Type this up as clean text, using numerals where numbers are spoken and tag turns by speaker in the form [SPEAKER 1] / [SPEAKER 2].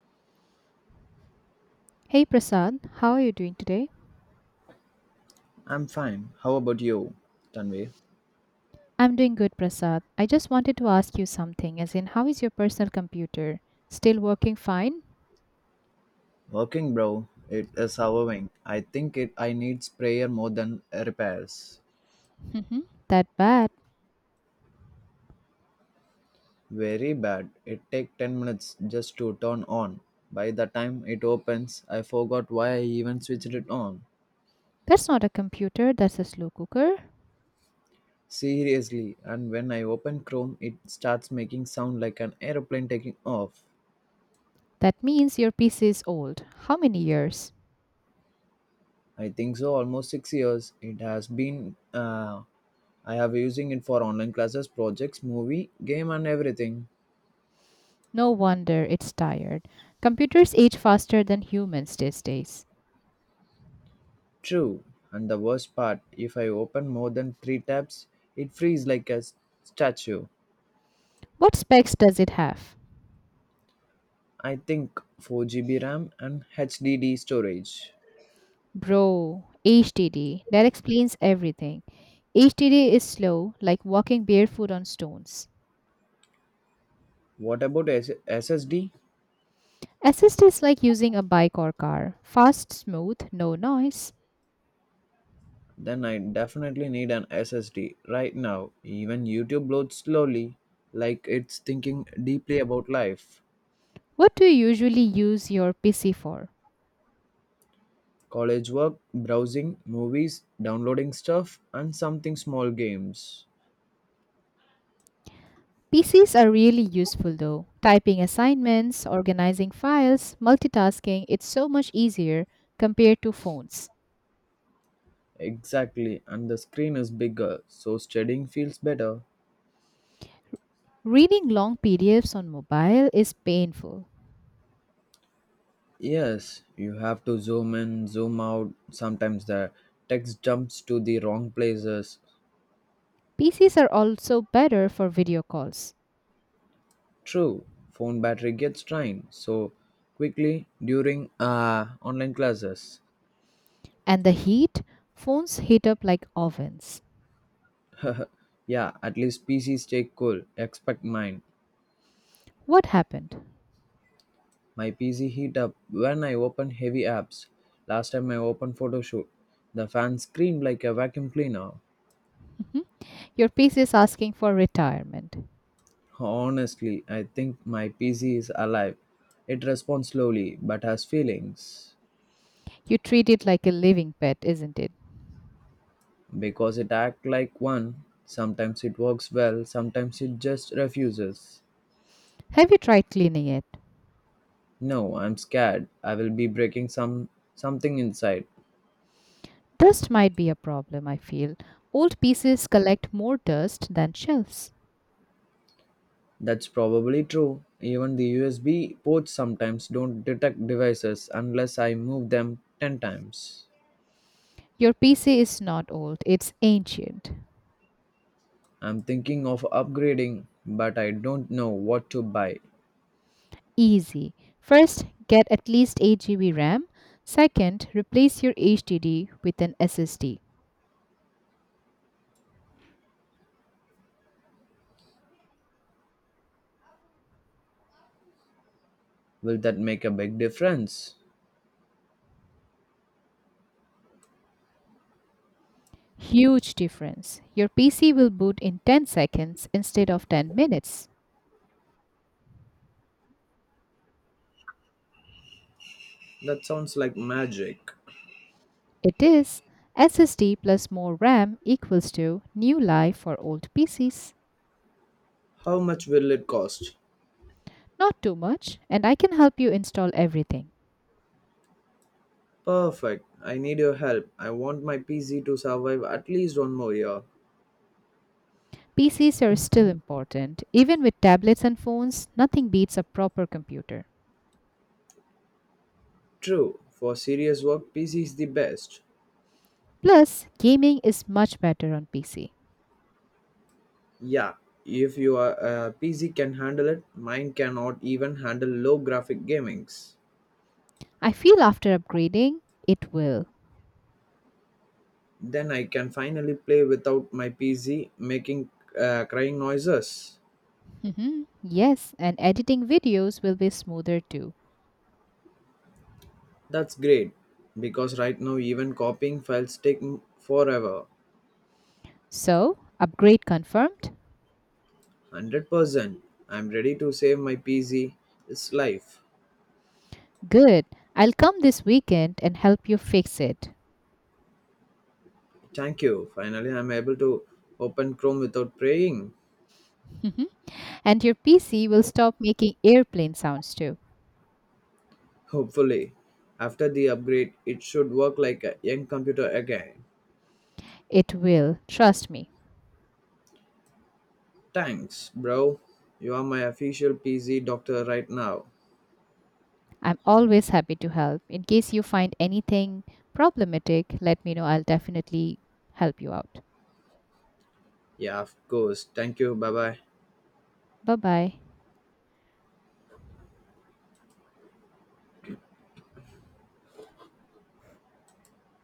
[SPEAKER 1] Hey Prasad, how are you doing today?
[SPEAKER 2] I'm fine. How about you, Tanvi?
[SPEAKER 1] I'm doing good, Prasad. I just wanted to ask you something, as in, how is your personal computer? Still working fine?
[SPEAKER 2] Working, bro. It is hoovering. I think it. I needs prayer more than repairs.
[SPEAKER 1] Mm-hmm. That bad.
[SPEAKER 2] Very bad. It take 10 minutes just to turn on. By the time it opens, I forgot why I even switched it on.
[SPEAKER 1] That's not a computer, that's a slow cooker.
[SPEAKER 2] Seriously, and when I open Chrome, it starts making sound like an aeroplane taking off.
[SPEAKER 1] That means your PC is old. How many years?
[SPEAKER 2] I think so. Almost 6 years it has been. I have using it for online classes, projects, movie, game, and everything.
[SPEAKER 1] No wonder it's tired. Computers age faster than humans these days.
[SPEAKER 2] True, and the worst part, if I open more than 3 tabs, it frees like a statue.
[SPEAKER 1] What specs does it have?
[SPEAKER 2] I think 4 GB RAM and HDD storage.
[SPEAKER 1] Bro, HDD. That explains everything. HDD is slow, like walking barefoot on stones.
[SPEAKER 2] What about SSD?
[SPEAKER 1] Assist is like using a bike or car. Fast, smooth, no noise.
[SPEAKER 2] Then I definitely need an SSD right now. Even YouTube loads slowly, like it's thinking deeply about life.
[SPEAKER 1] What do you usually use your PC for?
[SPEAKER 2] College work, browsing, movies, downloading stuff, and something small games.
[SPEAKER 1] PCs are really useful though. Typing assignments, organizing files, multitasking, it's so much easier compared to phones.
[SPEAKER 2] Exactly, and the screen is bigger, so studying feels better.
[SPEAKER 1] Reading long PDFs on mobile is painful.
[SPEAKER 2] Yes, you have to zoom in, zoom out. Sometimes the text jumps to the wrong places.
[SPEAKER 1] PCs are also better for video calls.
[SPEAKER 2] True, phone battery gets drained so quickly during online classes.
[SPEAKER 1] And the heat? Phones heat up like ovens.
[SPEAKER 2] Yeah, at least PCs stay cool. Expect mine.
[SPEAKER 1] What happened?
[SPEAKER 2] My PC heat up when I open heavy apps. Last time I opened Photoshop, the fan screamed like a vacuum cleaner.
[SPEAKER 1] Your PC is asking for retirement.
[SPEAKER 2] Honestly, I think my PC is alive. It responds slowly but has feelings.
[SPEAKER 1] You treat it like a living pet, isn't it?
[SPEAKER 2] Because it acts like one. Sometimes it works well, sometimes it just refuses.
[SPEAKER 1] Have you tried cleaning it?
[SPEAKER 2] No, I'm scared. I will be breaking something inside.
[SPEAKER 1] Dust might be a problem, I feel. Old pieces collect more dust than shelves.
[SPEAKER 2] That's probably true. Even the USB ports sometimes don't detect devices unless I move them 10 times.
[SPEAKER 1] Your PC is not old, it's ancient.
[SPEAKER 2] I'm thinking of upgrading, but I don't know what to buy.
[SPEAKER 1] Easy. First, get at least 8 GB RAM. Second, replace your HDD with an SSD.
[SPEAKER 2] Will that make a big difference?
[SPEAKER 1] Huge difference. Your PC will boot in 10 seconds instead of 10 minutes.
[SPEAKER 2] That sounds like magic.
[SPEAKER 1] It is SSD plus more RAM equals to new life for old PCs.
[SPEAKER 2] How much will it cost?
[SPEAKER 1] Not too much, and I can help you install everything.
[SPEAKER 2] Perfect. I need your help. I want my PC to survive at least one more year.
[SPEAKER 1] PCs are still important. Even with tablets and phones, nothing beats a proper computer.
[SPEAKER 2] True. For serious work, PC is the best.
[SPEAKER 1] Plus, gaming is much better on PC.
[SPEAKER 2] Yeah. If your PC can handle it, mine cannot even handle low graphic gamings.
[SPEAKER 1] I feel after upgrading, it will.
[SPEAKER 2] Then I can finally play without my PC making crying noises.
[SPEAKER 1] Mhm, yes, and editing videos will be smoother too.
[SPEAKER 2] That's great because right now even copying files take forever.
[SPEAKER 1] So, upgrade confirmed?
[SPEAKER 2] 100%. I'm ready to save my PC. It's life.
[SPEAKER 1] Good. I'll come this weekend and help you fix it.
[SPEAKER 2] Thank you. Finally, I'm able to open Chrome without praying.
[SPEAKER 1] And your PC will stop making airplane sounds too.
[SPEAKER 2] Hopefully, after the upgrade, it should work like a young computer again.
[SPEAKER 1] It will, trust me.
[SPEAKER 2] Thanks, bro. You are my official PC doctor right now.
[SPEAKER 1] I'm always happy to help. In case you find anything problematic, let me know. I'll definitely help you out.
[SPEAKER 2] Yeah, of course. Thank you. Bye bye.
[SPEAKER 1] Bye bye.